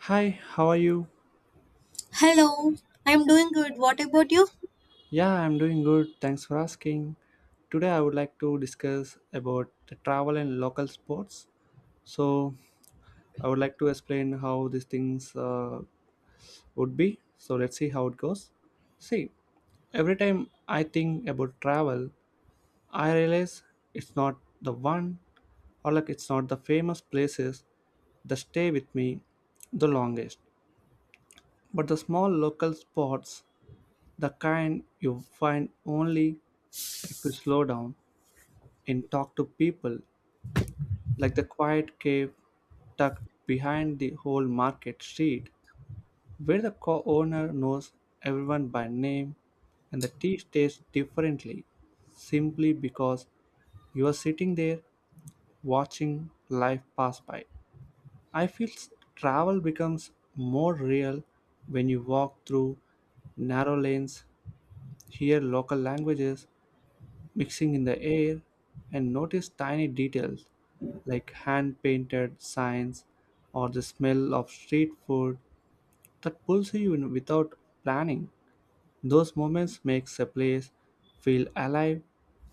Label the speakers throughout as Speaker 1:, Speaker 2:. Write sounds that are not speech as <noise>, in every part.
Speaker 1: Hi, how are you?
Speaker 2: Hello, I'm doing good. What about you?
Speaker 1: Yeah, I'm doing good. Thanks for asking. Today I would like to discuss about the travel and local sports. So I would like to explain how these things would be. So let's see how it goes. See, every time I think about travel, I realize it's not the one or like it's not the famous places that stay with me the longest, but the small local spots, the kind you find only if we slow down and talk to people, like the quiet cave tucked behind the whole market street, where the co owner knows everyone by name and the tea tastes differently simply because you are sitting there watching life pass by. I feel s- Travel becomes more real when you walk through narrow lanes, hear local languages, mixing in the air, and notice tiny details like hand painted signs or the smell of street food that pulls you in without planning. Those moments makes a place feel alive,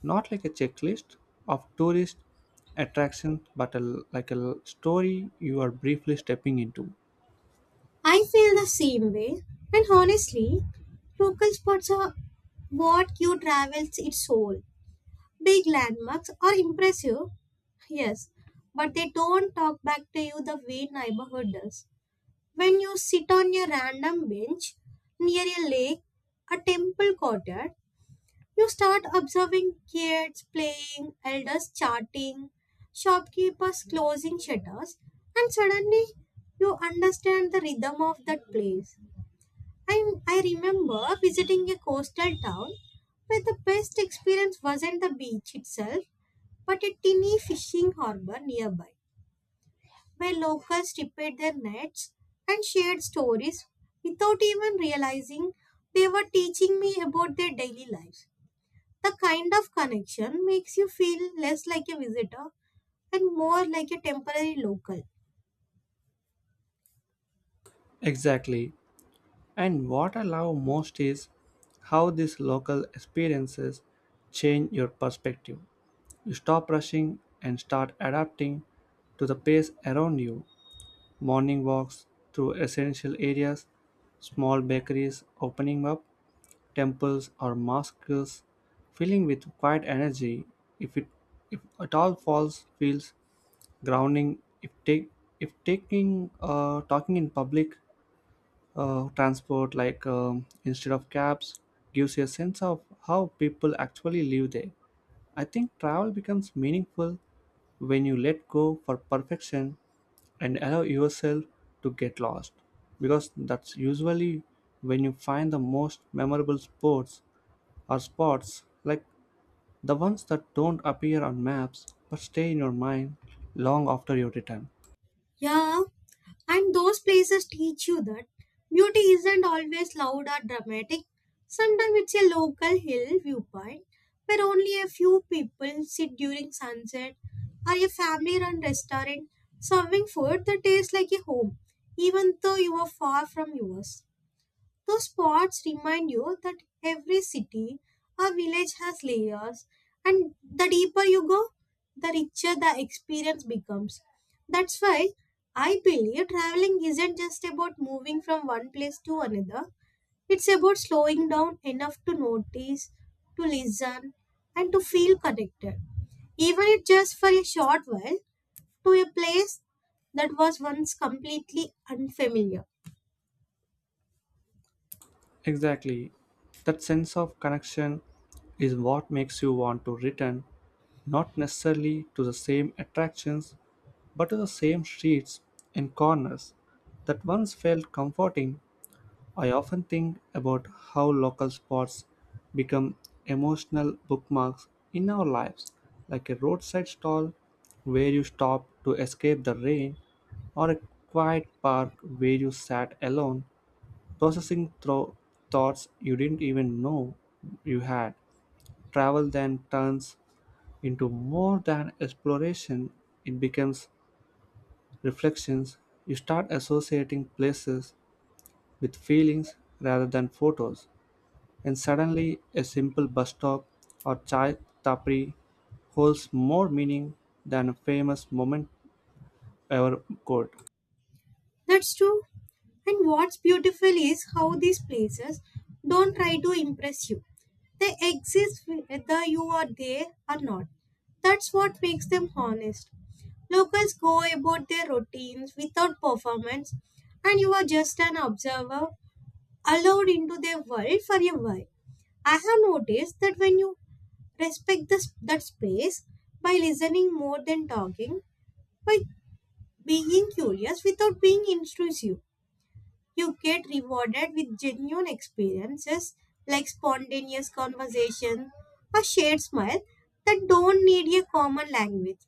Speaker 1: not like a checklist of tourist attractions, but like a story you are briefly stepping into.
Speaker 2: I feel the same way. And honestly, local spots are what you travels its soul. Big landmarks are impressive, yes, but they don't talk back to you the way neighborhood does. When you sit on a random bench near a lake, a temple courtyard, you start observing kids playing, elders chatting, shopkeepers closing shutters, and suddenly you understand the rhythm of that place. I remember visiting a coastal town where the best experience wasn't the beach itself, but a tiny fishing harbor nearby, where locals tipped their nets and shared stories without even realizing they were teaching me about their daily lives. The kind of connection makes you feel less like a visitor and more like a temporary local.
Speaker 1: Exactly. And what I love most is how these local experiences change your perspective. You stop rushing and start adapting to the pace around you. Morning walks through essential areas, small bakeries opening up, temples or mosques filling with quiet energy if it if at all falls feels grounding if taking talking in public transport like instead of cabs gives you a sense of how people actually live there. I think travel becomes meaningful when you let go for perfection and allow yourself to get lost because that's usually when you find the most memorable sports or spots, like the ones that don't appear on maps but stay in your mind long after your return.
Speaker 2: Yeah, and those places teach you that beauty isn't always loud or dramatic. Sometimes it's a local hill viewpoint where only a few people sit during sunset or a family run restaurant serving food that tastes like a home, even though you are far from yours. Those spots remind you that every city or village has layers, and the deeper you go, the richer the experience becomes. That's why I believe traveling isn't just about moving from one place to another, it's about slowing down enough to notice, to listen, and to feel connected, even if just for a short while, to a place that was once completely unfamiliar.
Speaker 1: Exactly, that sense of connection is what makes you want to return, not necessarily to the same attractions but to the same streets and corners that once felt comforting. I often think about how local spots become emotional bookmarks in our lives, like a roadside stall where you stop to escape the rain, or a quiet park where you sat alone, processing through thoughts you didn't even know you had. Travel then turns into more than exploration, it becomes reflections. You start associating places with feelings rather than photos, and suddenly a simple bus stop or chai tapri holds more meaning than a famous moment ever could.
Speaker 2: That's true. And what's beautiful is how these places don't try to impress you. They exist whether you are there or not. That's what makes them honest. Locals go about their routines without performance, and you are just an observer allowed into their world for a while. I have noticed that when you respect this, that space by listening more than talking, by being curious without being intrusive, you get rewarded with genuine experiences like spontaneous conversation, a shared smile that don't need a common language.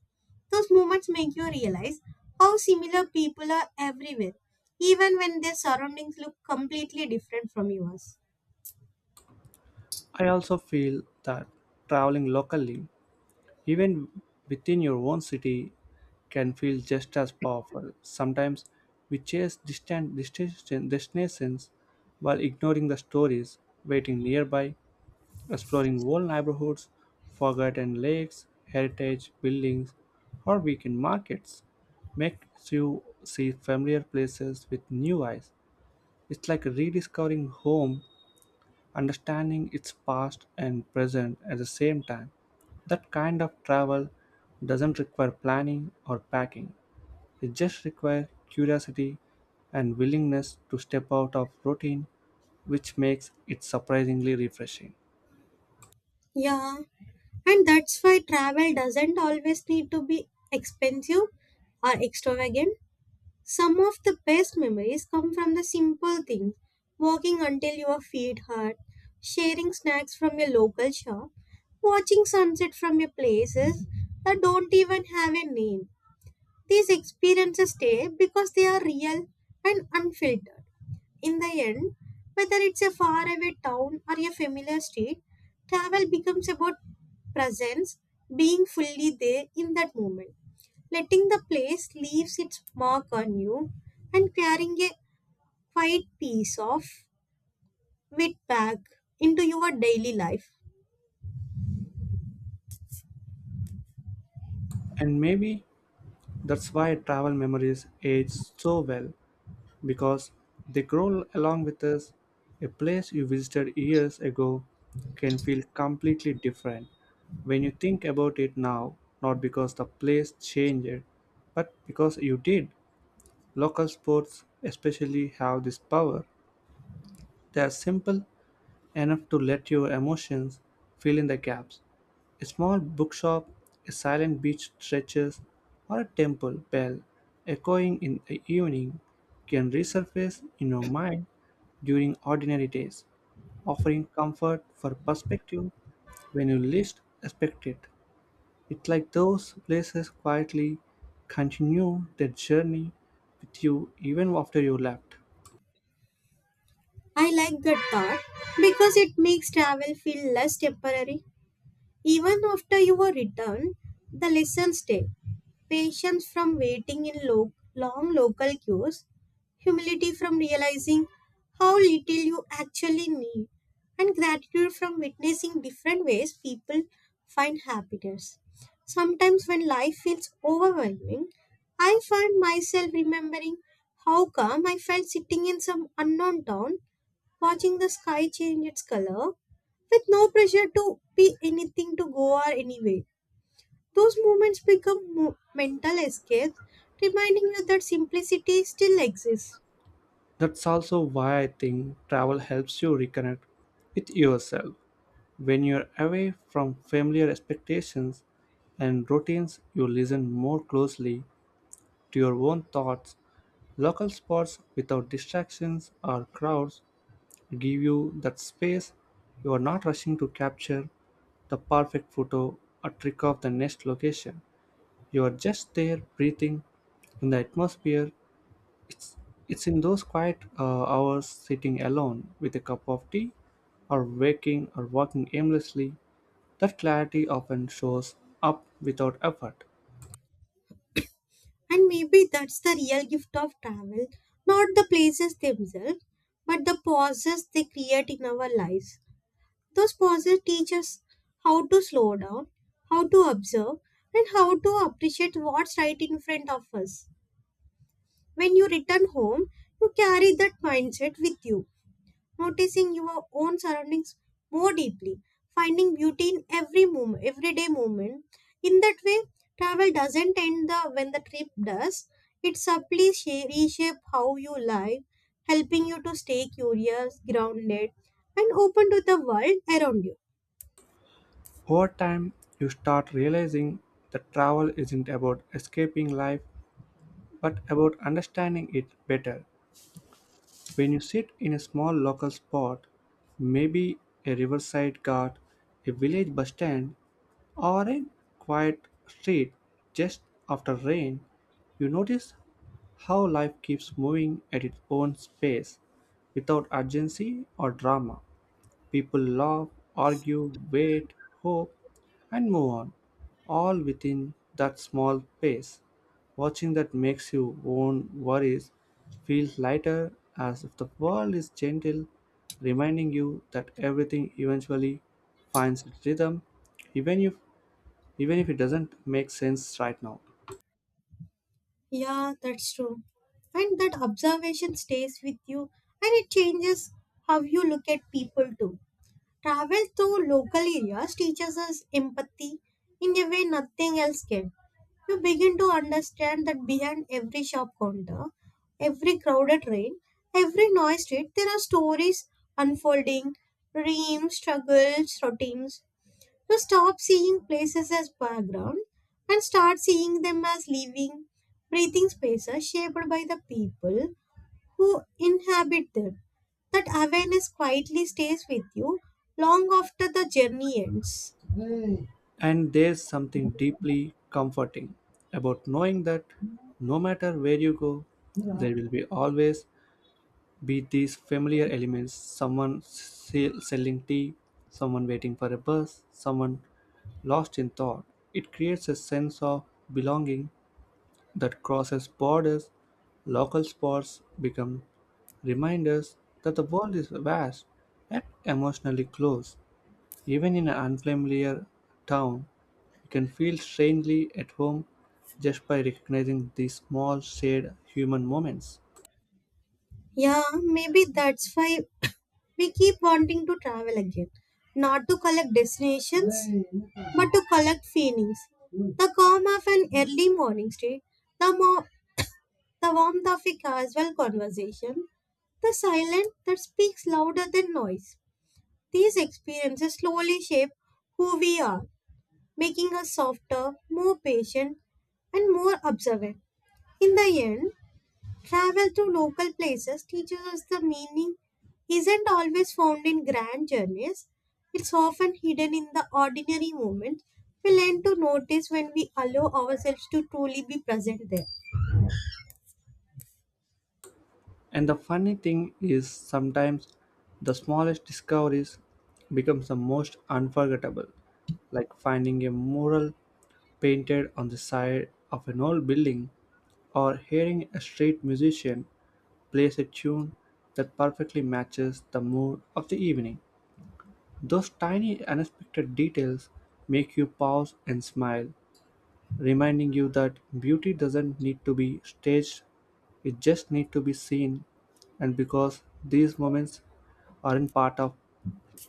Speaker 2: Those moments make you realize how similar people are everywhere, even when their surroundings look completely different from yours.
Speaker 1: I also feel that traveling locally, even within your own city, can feel just as powerful. Sometimes we chase destinations while ignoring the stories waiting nearby, exploring old neighborhoods, forgotten lakes, heritage buildings, or weekend markets makes you see familiar places with new eyes. It's like rediscovering home, understanding its past and present at the same time. That kind of travel doesn't require planning or packing. It just requires curiosity and willingness to step out of routine, which makes it surprisingly refreshing.
Speaker 2: Yeah, and that's why travel doesn't always need to be expensive or extravagant. Some of the best memories come from the simple things walking until your feet hurt, sharing snacks from your local shop, watching sunset from your places that don't even have a name. These experiences stay because they are real and unfiltered. In the end, whether it's a faraway town or a familiar street, travel becomes about presence, being fully there in that moment. Letting the place leaves its mark on you and carrying a quiet piece of it back into your daily life.
Speaker 1: And maybe that's why travel memories age so well, because they grow along with us. A place you visited years ago can feel completely different when you think about it now, not because the place changed, but because you did. Local sports, especially, have this power. They are simple enough to let your emotions fill in the gaps. A small bookshop, a silent beach stretches, or a temple bell echoing in the evening can resurface in your mind during ordinary days, offering comfort for perspective when you least expect it. It's like those places quietly continue their journey with you even after you left.
Speaker 2: I like that thought because it makes travel feel less temporary. Even after you were returned, the lesson stay: patience from waiting in long local queues, humility from realizing how little you actually need, and gratitude from witnessing different ways people find happiness. Sometimes, when life feels overwhelming, I find myself remembering how calm I felt sitting in some unknown town, watching the sky change its color with no pressure to be anything to go or anyway. Those moments become mental escapes, reminding you that simplicity still exists.
Speaker 1: That's also why I think travel helps you reconnect with yourself. When you're away from familiar expectations and routines, you listen more closely to your own thoughts. Local spots without distractions or crowds give you that space. You are not rushing to capture the perfect photo or trick off the next location. You are just there breathing in the atmosphere. It's, it's in those quiet hours sitting alone with a cup of tea or waking or walking aimlessly that clarity often shows up without effort.
Speaker 2: And maybe that's the real gift of travel, not the places themselves, but the pauses they create in our lives. Those pauses teach us how to slow down, how to observe, and how to appreciate what's right in front of us. When you return home, you carry that mindset with you noticing your own surroundings more deeply, finding beauty in every moment, everyday moment. In that way, travel doesn't end the when the trip does. It subtly reshape how you live, helping you to stay curious, grounded, and open to the world around you.
Speaker 1: Over time, you start realizing that travel isn't about escaping life, but about understanding it better. When you sit in a small local spot, maybe a riverside cart, a village bus stand, or a quiet street just after rain, you notice how life keeps moving at its own pace without urgency or drama. People laugh, argue, wait, hope, and move on, all within that small space. Watching that makes your own worries feel lighter, as if the world is gentle, reminding you that everything eventually finds its rhythm, even if even if it doesn't make sense right now.
Speaker 2: Yeah, that's true. And that observation stays with you and it changes how you look at people too. Travel through local areas teaches us empathy in a way nothing else can. You begin to understand that behind every shop counter, every crowded train, every noisy street, there are stories unfolding, dreams, struggles, routines. You stop seeing places as background and start seeing them as living, breathing spaces shaped by the people who inhabit them. That awareness quietly stays with you long after the journey ends.
Speaker 1: And there's something deeply comforting about knowing that no matter where you go, there will be always be these familiar elements, selling tea, someone waiting for a bus, someone lost in thought. It creates a sense of belonging that crosses borders. Local spots become reminders that the world is vast and emotionally close. Even in an unfamiliar town, you can feel strangely at home just by recognizing these small shared human moments.
Speaker 2: Yeah, maybe that's why <coughs> we keep wanting to travel again. Not to collect destinations, but to collect feelings. The calm of an early morning street, the, mo- the warmth of a casual conversation, the silence that speaks louder than noise. These experiences slowly shape who we are, making us softer, more patient, and more observant. In the end, travel to local places teaches us the meaning isn't always found in grand journeys. It's often hidden in the ordinary moments we learn to notice when we allow ourselves to truly be present there.
Speaker 1: And the funny thing is sometimes the smallest discoveries becomes the most unforgettable, like finding a mural painted on the side of an old building or hearing a street musician plays a tune that perfectly matches the mood of the evening. Those tiny unexpected details make you pause and smile, reminding you that beauty doesn't need to be staged, it just needs to be seen. And because these moments aren't part of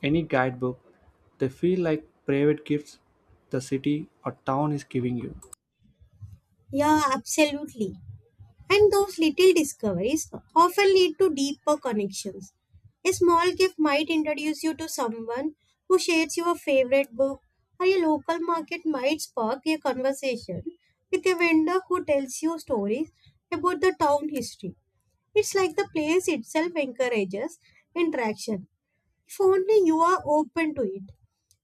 Speaker 1: any guidebook, they feel like private gifts the city or town is giving you.
Speaker 2: Yeah, absolutely. And those little discoveries often lead to deeper connections. A small gift might introduce you to someone who shares your favorite book, or a local market might spark a conversation with a vendor who tells you stories about the town history. It's like the place itself encourages interaction if only you are open to it.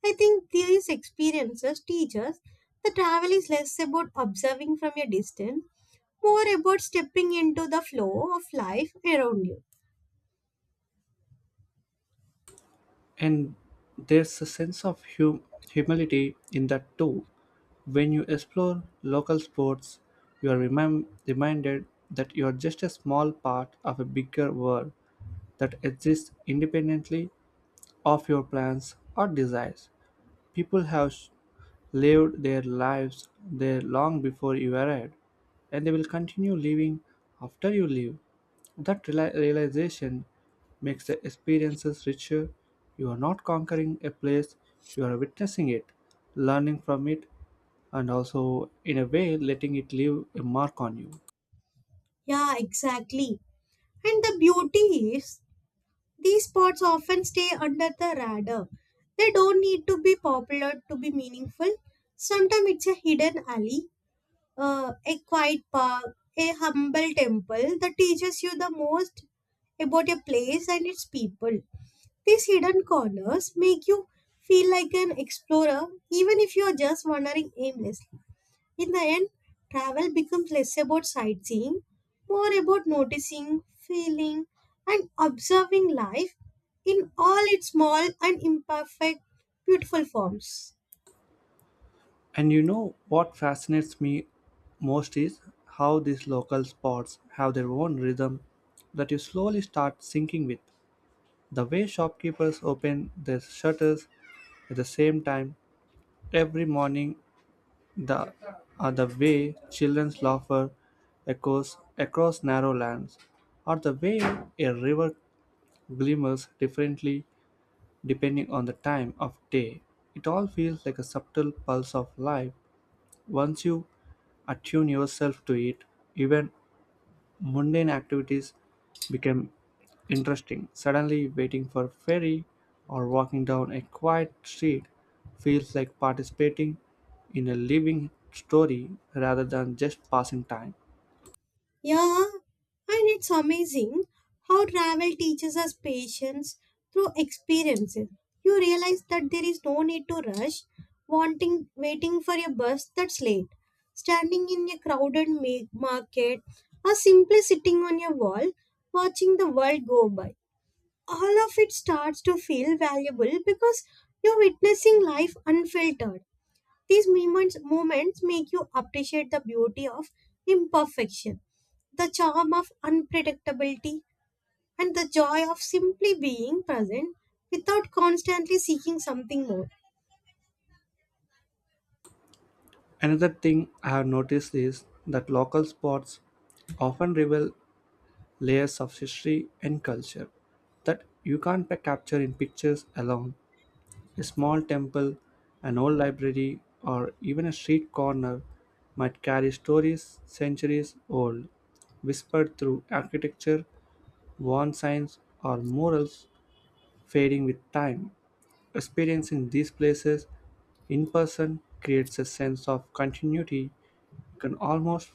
Speaker 2: I think these experiences teach us that travel is less about observing from a distance, more about stepping into the flow of life around you.
Speaker 1: And there's a sense of humility in that too. When you explore local sports, you are reminded that you are just a small part of a bigger world that exists independently of your plans or desires. People have lived their lives there long before you arrived, and they will continue living after you leave. That realization makes the experiences richer. You are not conquering a place, you are witnessing it, learning from it, and also, in a way, letting it leave a mark on you.
Speaker 2: Yeah, exactly. And the beauty is, these spots often stay under the radar. They don't need to be popular to be meaningful. Sometimes it's a hidden alley, a quiet park, a humble temple that teaches you the most about a place and its people. These hidden corners make you feel like an explorer even if you are just wandering aimlessly. In the end, travel becomes less about sightseeing, more about noticing, feeling, and observing life in all its small and imperfect, beautiful forms.
Speaker 1: And you know what fascinates me most is how these local spots have their own rhythm that you slowly start syncing with. The way shopkeepers open their shutters at the same time every morning, the, or the way children's laughter echoes across narrow lands, or the way a river glimmers differently depending on the time of day. It all feels like a subtle pulse of life once you attune yourself to it. Even mundane activities became interesting. Suddenly, waiting for a ferry or walking down a quiet street feels like participating in a living story rather than just passing time.
Speaker 2: Yeah, and it's amazing how travel teaches us patience through experiences. You realize that there is no need to rush, wanting waiting for a bus that's late, standing in a crowded market, or simply sitting on a wall watching the world go by. All of it starts to feel valuable because you're witnessing life unfiltered. These moments make you appreciate the beauty of imperfection, the charm of unpredictability, and the joy of simply being present without constantly seeking something more.
Speaker 1: Another thing I have noticed is that local spots often reveal layers of history and culture that you can't capture in pictures alone. A small temple, an old library, or even a street corner might carry stories centuries old, whispered through architecture, worn signs, or murals fading with time. Experiencing these places in person creates a sense of continuity. You can almost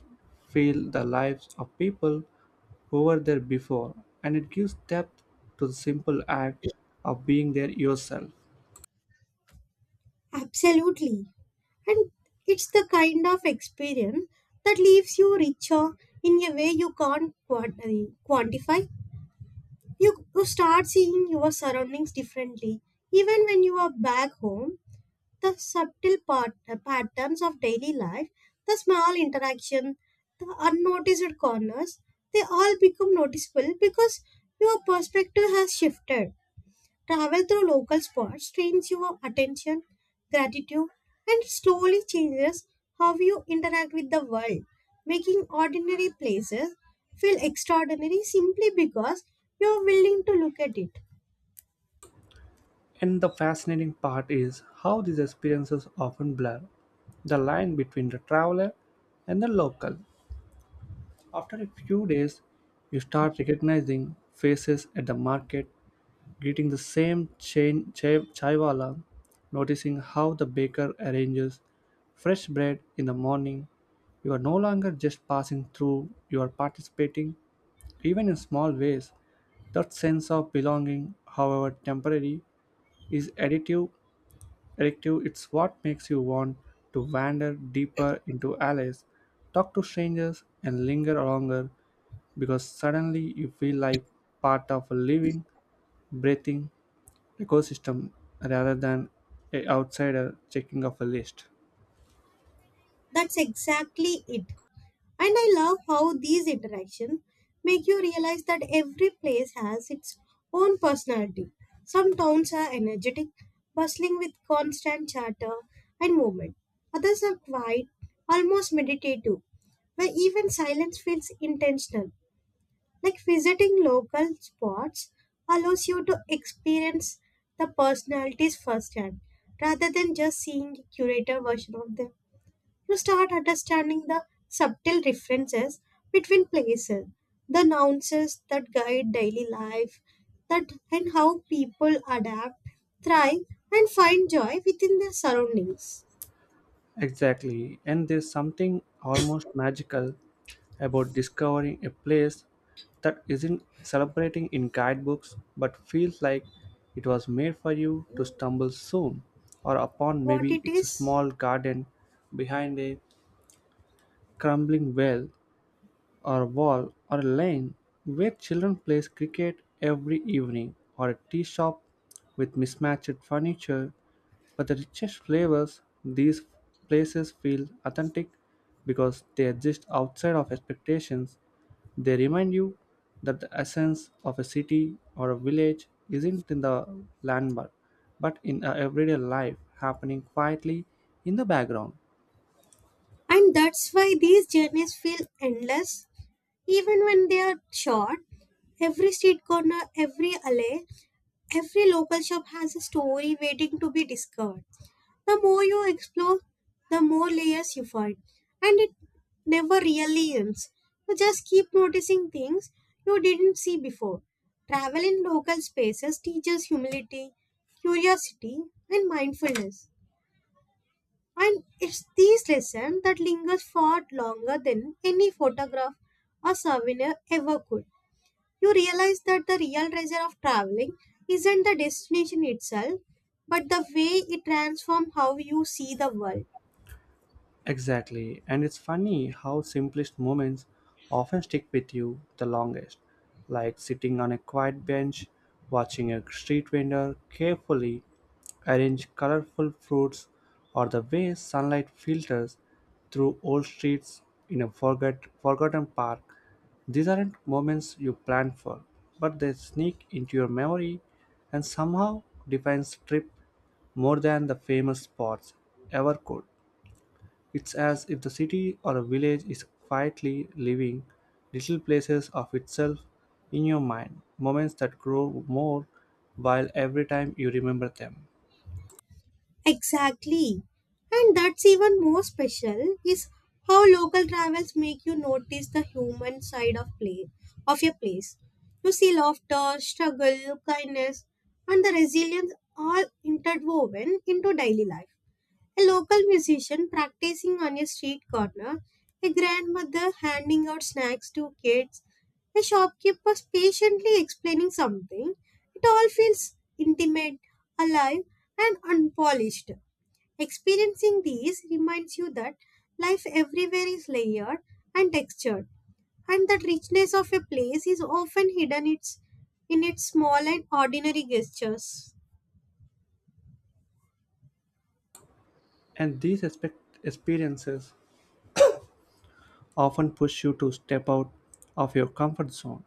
Speaker 1: feel the lives of people who were there before, and it gives depth to the simple act of being there yourself.
Speaker 2: Absolutely. And it's the kind of experience that leaves you richer in a way you can't quantify. You start seeing your surroundings differently. Even when you are back home, the patterns of daily life, the small interaction, the unnoticed corners, they all become noticeable because your perspective has shifted. Travel through local spots trains your attention, gratitude, and slowly changes how you interact with the world, making ordinary places feel extraordinary simply because you're willing to look at it.
Speaker 1: And the fascinating part is how these experiences often blur the line between the traveler and the local. After a few days, you start recognizing faces at the market, greeting the same chaiwala, noticing how the baker arranges fresh bread in the morning. You are no longer just passing through, you are participating, even in small ways. That sense of belonging, however temporary, is additive addictive. It's what makes you want to wander deeper into alleys, talk to strangers, and linger longer because suddenly you feel like part of a living, breathing ecosystem rather than a outsider checking off a list.
Speaker 2: That's exactly it. And I love how these interactions make you realize that every place has its own personality. Some towns are energetic, bustling with constant chatter and movement. Others are quiet, almost meditative, where even silence feels intentional. Like visiting local spots allows you to experience the personalities firsthand rather than just seeing a curated version of them you start understanding the subtle differences between places, the nuances that guide daily life, that and how people adapt, thrive, and find joy within their surroundings.
Speaker 1: Exactly, and there's something almost magical about discovering a place that isn't celebrating in guidebooks but feels like it was made for you to stumble soon or upon.
Speaker 2: What
Speaker 1: Maybe
Speaker 2: it
Speaker 1: it's a
Speaker 2: is?
Speaker 1: small garden behind a crumbling well or wall, or a lane where children play cricket every evening, or a tea shop with mismatched furniture but the richest flavors. These places feel authentic because they exist outside of expectations. They remind you that the essence of a city or a village isn't in the landmark, but in our everyday life happening quietly in the background.
Speaker 2: And that's why these journeys feel endless, even when they are short. Every street corner, every alley, every local shop has a story waiting to be discovered. The more you explore, the more layers you find, and it never really ends. You just keep noticing things you didn't see before. Travel in local spaces teaches humility, curiosity, and mindfulness. And it's these lessons that lingers far longer than any photograph or souvenir ever could. You realize that the real treasure of traveling isn't the destination itself, but the way it transforms how you see the world.
Speaker 1: Exactly, and it's funny how simplest moments often stick with you the longest, like sitting on a quiet bench, watching a street vendor carefully arrange colorful fruits, or the way sunlight filters through old streets in a forgotten park. These aren't moments you plan for, but they sneak into your memory and somehow define trip more than the famous spots ever could. It's as if the city or a village is quietly living little places of itself in your mind, moments that grow more while every time you remember them.
Speaker 2: Exactly. And that's even more special is how local travels make you notice the human side of play of your place. You see laughter, struggle, kindness, and the resilience all interwoven into daily life. A local musician practicing on a street corner, a grandmother handing out snacks to kids, a shopkeeper patiently explaining something, it all feels intimate, alive, and unpolished. Experiencing these reminds you that life everywhere is layered and textured, and that richness of a place is often hidden its, in its small and ordinary gestures.
Speaker 1: And these experiences often push you to step out of your comfort zone,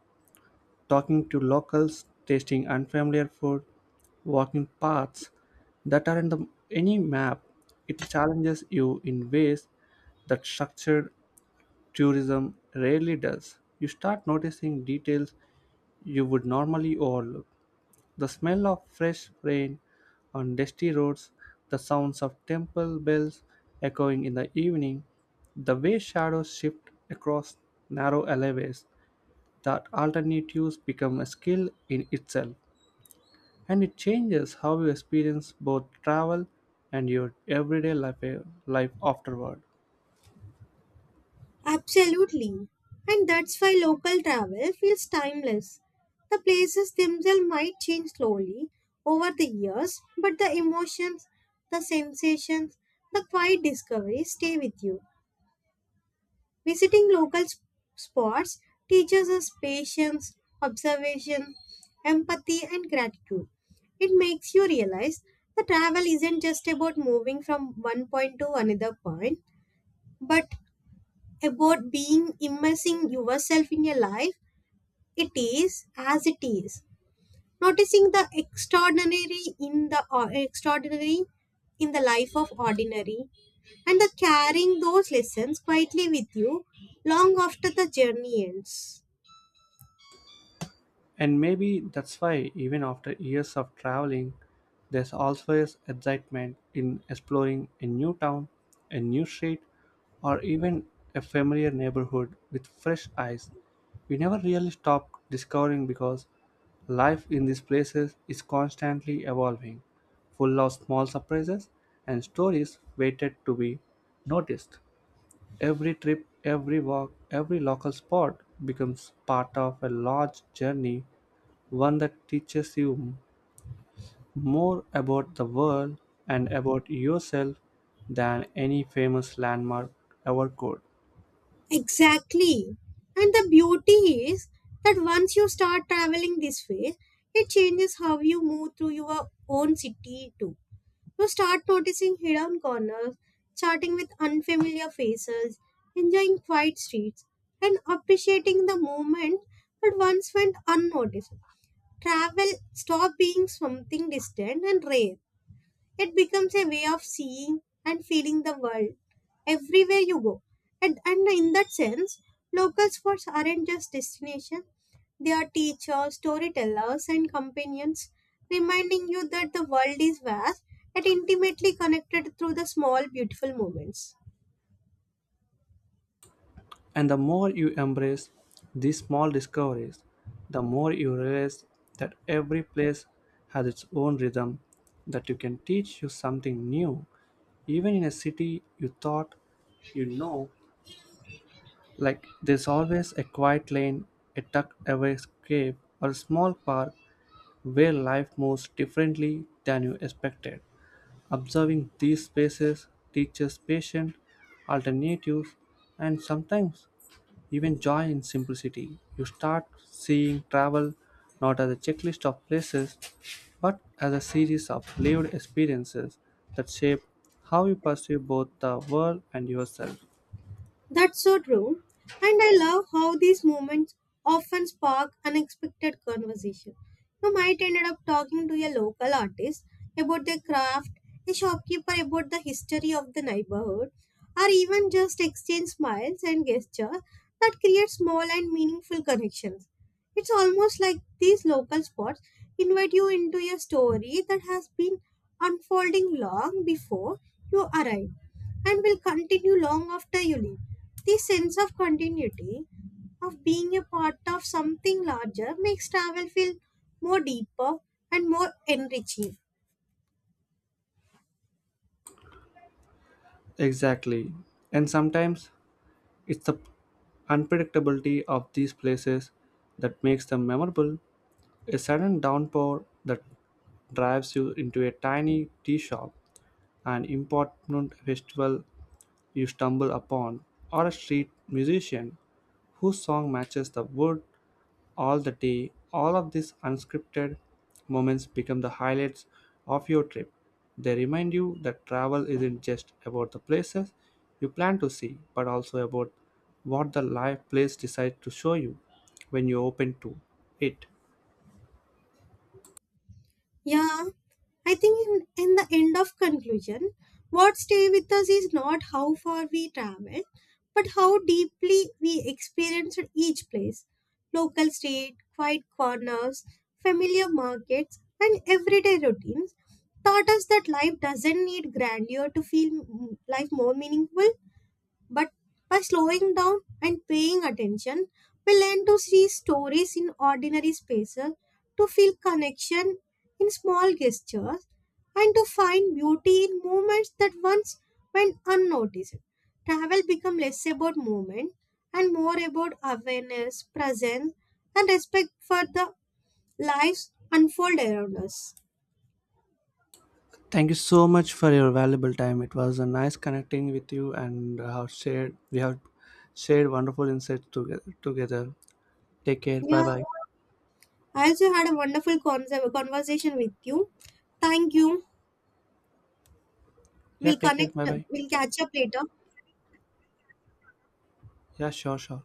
Speaker 1: talking to locals, tasting unfamiliar food, walking paths that are in the any map. It challenges you in ways that structured tourism rarely does. You start noticing details you would normally overlook. The smell of fresh rain on dusty roads, the sounds of temple bells echoing in the evening, the way shadows shift across narrow alleyways, that alternatives become a skill in itself, and it changes how you experience both travel and your everyday life afterward.
Speaker 2: Absolutely. And that's why local travel feels timeless. The places themselves might change slowly over the years, but the emotions, the sensations, the quiet discoveries stay with you. Visiting local spots teaches us patience, observation, empathy, and gratitude. It makes you realize that travel isn't just about moving from one point to another point, but about being immersing yourself in a life it is as it is noticing the extraordinary in the or extraordinary in the life of ordinary and the carrying those lessons quietly with you long after the journey ends.
Speaker 1: And maybe that's why, even after years of traveling, there's always excitement in exploring a new town, a new street, or even a familiar neighborhood with fresh eyes. We never really stop discovering because life in these places is constantly evolving, full of small surprises and stories waited to be noticed. Every trip, every walk, every local spot becomes part of a large journey, one that teaches you more about the world and about yourself than any famous landmark ever could.
Speaker 2: Exactly, and the beauty is that once you start traveling this way it changes how you move through your own city too. You start noticing hidden corners, chatting with unfamiliar faces, enjoying quiet streets, and appreciating the moment that once went unnoticed. Travel stopped being something distant and rare, it becomes a way of seeing and feeling the world everywhere you go. And in that sense, local spots aren't just destinations, they are teachers, storytellers, and companions, reminding you that the world is vast and intimately connected through the small, beautiful moments.
Speaker 1: And the more you embrace these small discoveries, the more you realize that every place has its own rhythm that you can teach you something new even in a city you thought you know, like there's always a quiet lane, a tucked away cave, or a small park where life moves differently than you expected. Observing these spaces teaches patience, alternatives, and sometimes even joy in simplicity. You start seeing travel not as a checklist of places, but as a series of lived experiences that shape how you perceive both the world and yourself.
Speaker 2: That's so true. And I love how these moments often spark unexpected conversation. You might end up talking to a local artist about their craft, a shopkeeper about the history of the neighborhood, or even just exchange smiles and gestures that create small and meaningful connections. It's almost like these local spots invite you into a story that has been unfolding long before you arrive and will continue long after you leave. This sense of continuity, of being a part of something larger, makes travel feel more deeper and more enriching.
Speaker 1: Exactly. And sometimes it's the unpredictability of these places that makes them memorable. A sudden downpour that drives you into a tiny tea shop, an important festival you stumble upon, or a street musician whose song matches the mood all the day. All of these unscripted moments become the highlights of your trip. They remind you that travel isn't just about the places you plan to see, but also about what the life place decides to show you when you open to it.
Speaker 2: Yeah, I think in the end of conclusion, what stay with us is not how far we travel, but how deeply we experienced each place. Local street, quiet corners, familiar markets, and everyday routines taught us that life doesn't need grandeur to feel life more meaningful. But by slowing down and paying attention, we learn to see stories in ordinary spaces, to feel connection in small gestures, and to find beauty in moments that once went unnoticed. Travel becomes less about movement and more about awareness, presence, and respect for the lives unfold around us.
Speaker 1: Thank you so much for your valuable time. It was a nice connecting with you, and have shared we have shared wonderful insights together. Together, take care. Bye
Speaker 2: Yeah,
Speaker 1: bye.
Speaker 2: I also had a wonderful conversation with you. Thank you.
Speaker 1: Yeah,
Speaker 2: We'll
Speaker 1: take care.
Speaker 2: connect,
Speaker 1: Bye bye.
Speaker 2: we'll catch up later.
Speaker 1: Yeah, sure.